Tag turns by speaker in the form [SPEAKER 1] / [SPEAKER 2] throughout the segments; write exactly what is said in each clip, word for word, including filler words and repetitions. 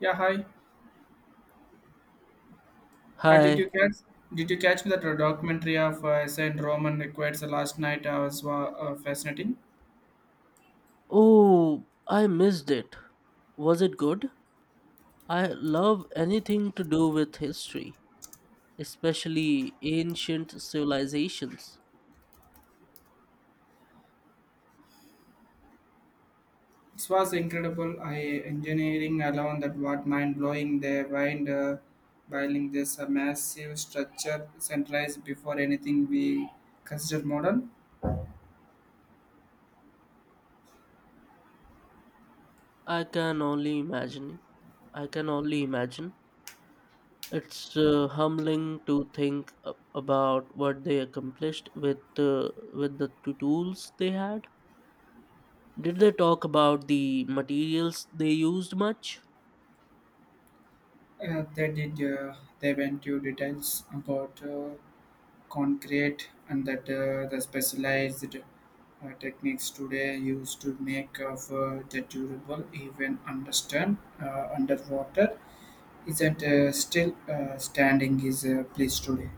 [SPEAKER 1] Yeah, hi. Uh, did
[SPEAKER 2] Hi.
[SPEAKER 1] you catch? Did you catch that uh, documentary of uh, Saint Roman Requires last night? Uh, was wa- uh, fascinating.
[SPEAKER 2] Oh, I missed it. Was it good? I love anything to do with history, especially ancient civilizations.
[SPEAKER 1] It was incredible. I engineering alone that what mind blowing they wind uh, building this uh, massive structure centralized before anything we consider modern.
[SPEAKER 2] I can only imagine. I can only imagine. It's uh, humbling to think a- about what they accomplished with uh, with the t- tools they had. Did they talk about the materials they used much?
[SPEAKER 1] Uh, they did. Uh, they went to details about uh, concrete and that uh, the specialized uh, techniques today used to make of uh, the durable even understand uh, underwater isn't uh, still uh, standing his uh, place today.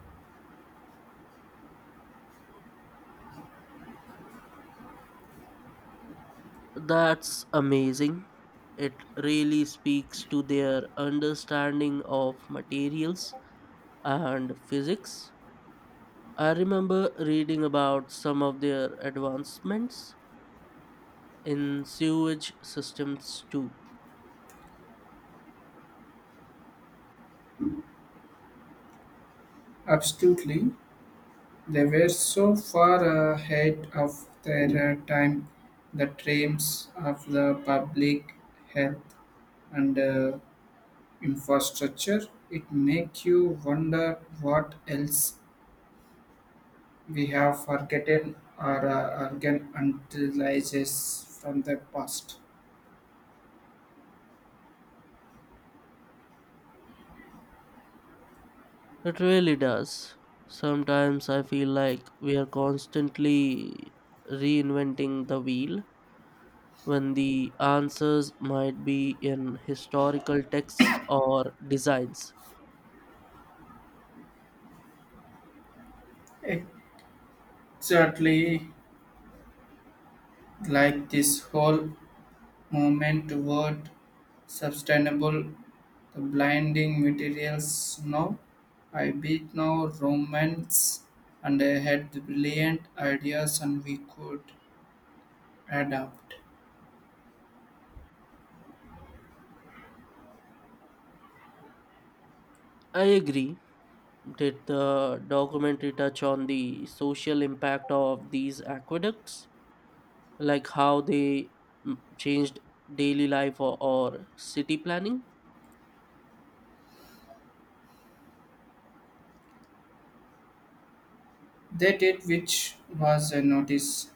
[SPEAKER 2] That's amazing. It really speaks to their understanding of materials and physics. I remember reading about some of their advancements in sewage systems too.
[SPEAKER 1] Absolutely, they were so far ahead of their uh, time, the dreams of the public health and uh, infrastructure. It make you wonder what else we have forgotten our uh, organalizes from the past.
[SPEAKER 2] It really does. Sometimes I feel like we are constantly reinventing the wheel when the answers might be in historical texts or designs.
[SPEAKER 1] Exactly, like this whole movement toward sustainable the blinding materials now. I beat now romance and I had the brilliant ideas and we could adapt.
[SPEAKER 2] I agree. Did the documentary touch on the social impact of these aqueducts, like how they mm, changed daily life or, or city planning?
[SPEAKER 1] They did, which was a notice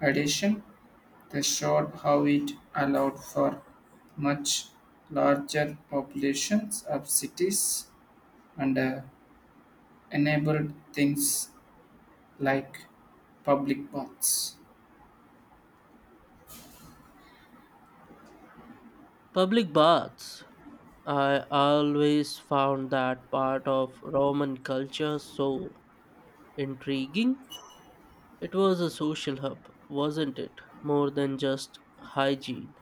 [SPEAKER 1] addition. They showed how it allowed for much larger populations of cities and uh, enabled things like public baths.
[SPEAKER 2] Public baths. I always found that part of Roman culture so intriguing. It was a social hub, wasn't it? More than just hygiene.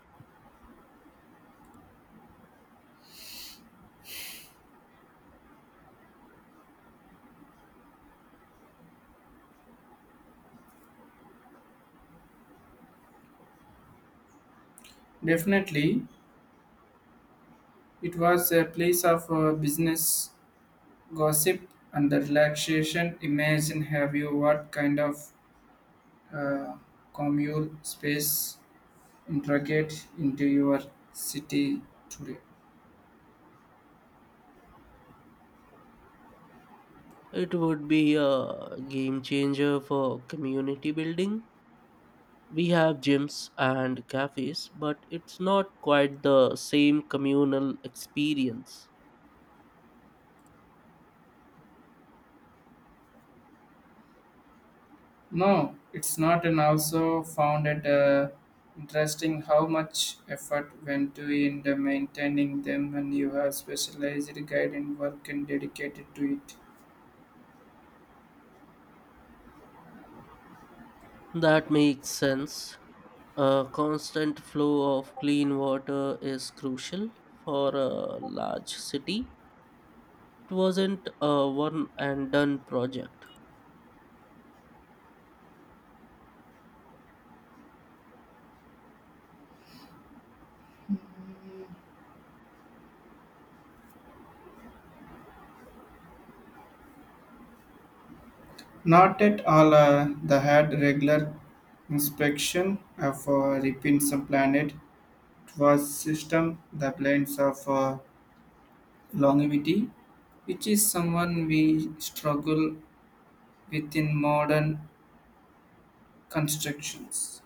[SPEAKER 1] Definitely, it was a place of uh, business, gossip, and the relaxation. Imagine have you what kind of uh, communal space integrate into your city today.
[SPEAKER 2] It would be a game changer for community building. We have gyms and cafes, but it's not quite the same communal experience.
[SPEAKER 1] No, it's not, and also found it uh, interesting how much effort went to in the maintaining them, and you have specialized guide and work and dedicated to it.
[SPEAKER 2] That makes sense. A constant flow of clean water is crucial for a large city. It wasn't a one and done project.
[SPEAKER 1] Not at all. Uh, they had regular inspection of uh, repeats of planet. It was system the blends of uh, longevity, which is someone we struggle with in modern constructions.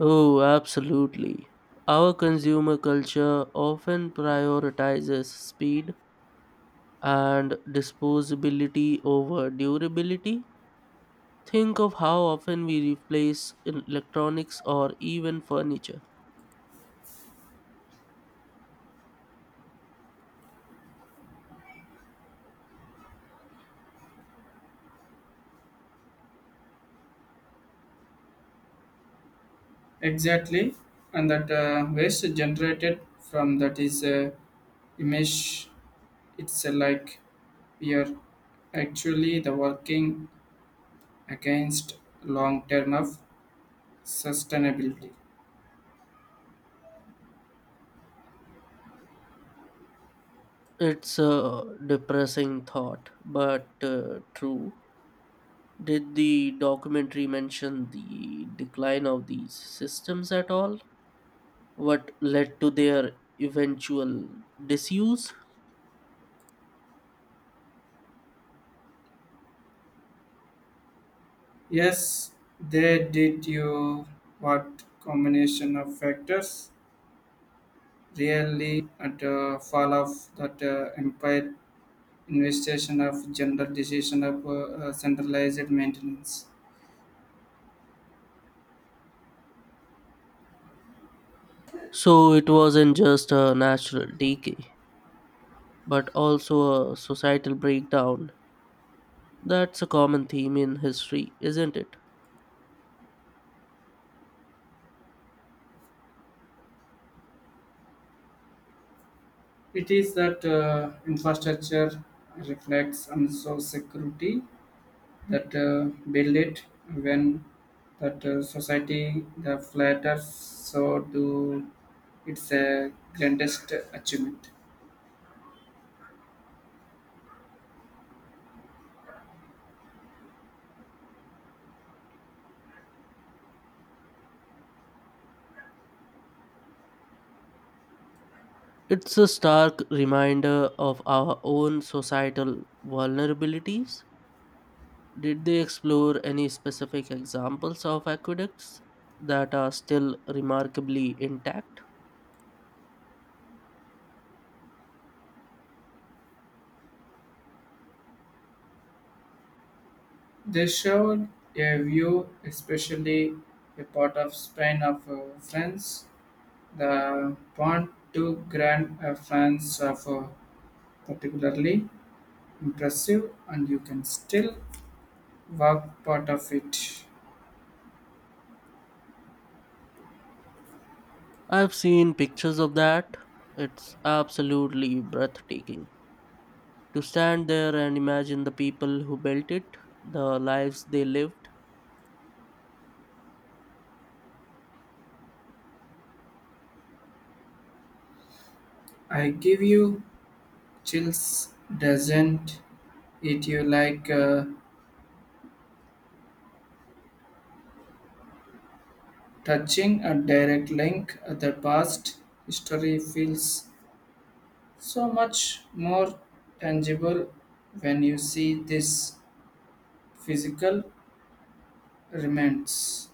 [SPEAKER 2] Oh, absolutely. Our consumer culture often prioritizes speed and disposability over durability. Think of how often we replace in- electronics or even furniture.
[SPEAKER 1] Exactly, and that uh, waste generated from that is uh, image. It's uh, like we are actually the working against long term of sustainability.
[SPEAKER 2] It's a depressing thought, but uh, true. Did the documentary mention the decline of these systems at all? What led to their eventual disuse?
[SPEAKER 1] Yes, they did you what combination of factors really at uh, fall of that uh, empire, investigation of general decision of uh, uh, centralized maintenance.
[SPEAKER 2] So it wasn't just a natural decay, but also a societal breakdown. That's a common theme in history, isn't it?
[SPEAKER 1] It is that uh, infrastructure reflects and so security that uh, build it. When that uh, society the flatter, so do its uh, grandest achievement.
[SPEAKER 2] It's a stark reminder of our own societal vulnerabilities. Did they explore any specific examples of aqueducts that are still remarkably intact?
[SPEAKER 1] They showed a view, especially a part of Spain of uh, France, the point to Grand uh, France of uh, particularly impressive, and you can still walk part of it.
[SPEAKER 2] I've seen pictures of that. It's absolutely breathtaking. To stand there and imagine the people who built it, the lives they lived,
[SPEAKER 1] I give you chills, doesn't it? You like uh, touching a direct link. The past history feels so much more tangible when you see this physical remains.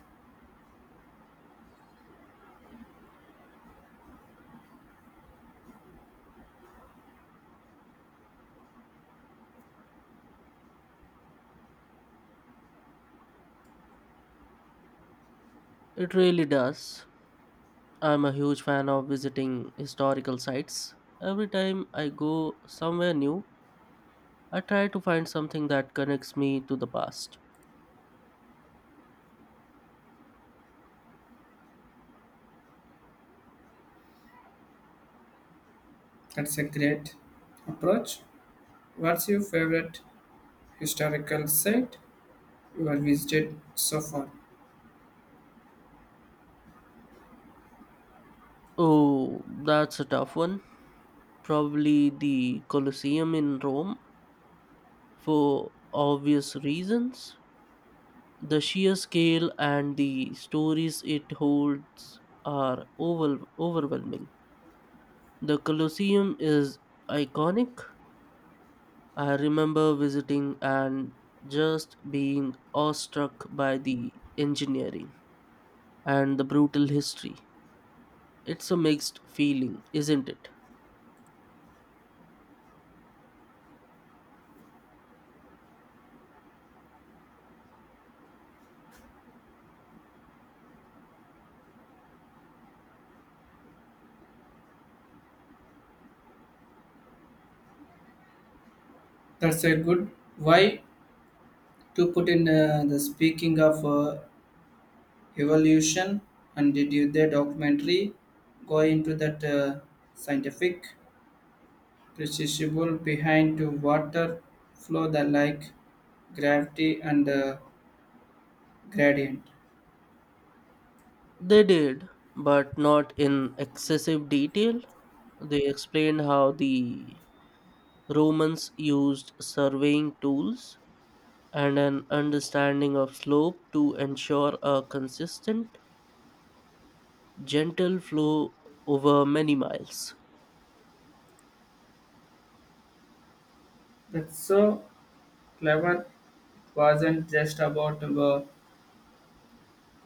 [SPEAKER 2] it really does. I'm a huge fan of visiting historical sites. Every time I go somewhere new, I try to find something that connects me to the past.
[SPEAKER 1] That's a great approach. What's your favorite historical site you have visited so far?
[SPEAKER 2] Oh, that's a tough one. Probably the Colosseum in Rome, for obvious reasons. The sheer scale and the stories it holds are over- overwhelming. The Colosseum is iconic. I remember visiting and just being awestruck by the engineering and the brutal history. It's a mixed feeling, isn't it?
[SPEAKER 1] That's a good why to put in uh, the speaking of uh, evolution, and did you the documentary go into that uh, scientific principle behind to water flow the like gravity and uh, gradient.
[SPEAKER 2] They did, but not in excessive detail. They explained how the Romans used surveying tools and an understanding of slope to ensure a consistent, gentle flow over many miles.
[SPEAKER 1] That's so clever, it wasn't just about the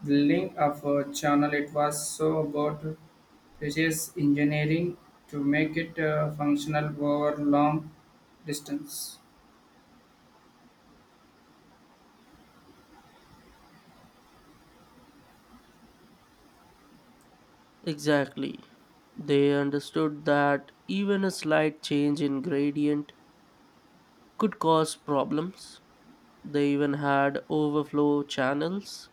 [SPEAKER 1] building of a channel, it was so about precise engineering to make it uh, functional over long distance.
[SPEAKER 2] Exactly. They understood that even a slight change in gradient could cause problems. They even had overflow channels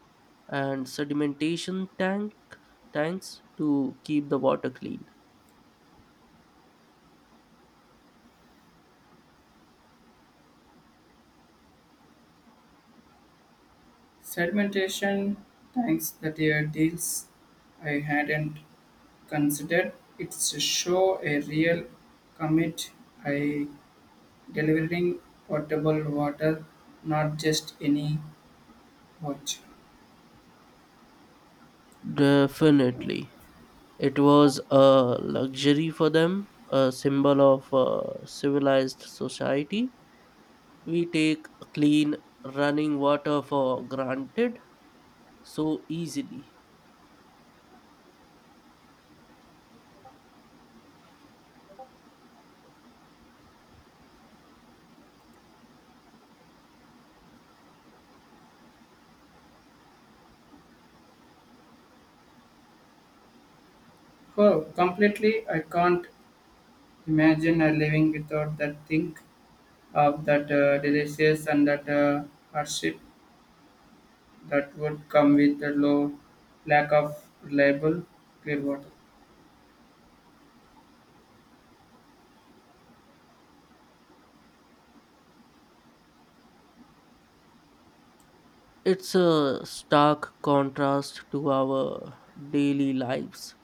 [SPEAKER 2] and sedimentation tank tanks to keep the water clean.
[SPEAKER 1] Sedimentation tanks, that are deals I hadn't considered. It's a show a real commit I delivering potable water, not just any watch.
[SPEAKER 2] Definitely. It was a luxury for them, a symbol of a civilized society. We take clean running water for granted so easily.
[SPEAKER 1] Oh, completely, I can't imagine a living without that. Think of that uh, delicious and that uh, hardship that would come with the low lack of reliable clear water.
[SPEAKER 2] It's a stark contrast to our daily lives.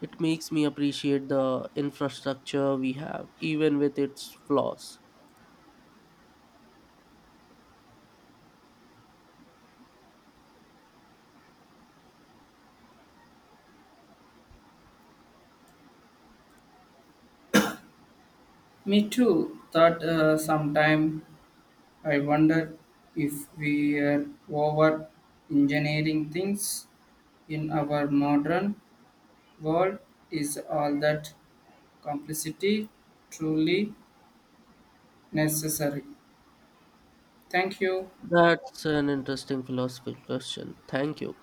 [SPEAKER 2] It makes me appreciate the infrastructure we have, even with its flaws.
[SPEAKER 1] Me too. Thought uh, sometime I wonder if we are over engineering things in our modern world. Is all that complexity truly necessary? Thank you.
[SPEAKER 2] That's an interesting philosophical question. Thank you.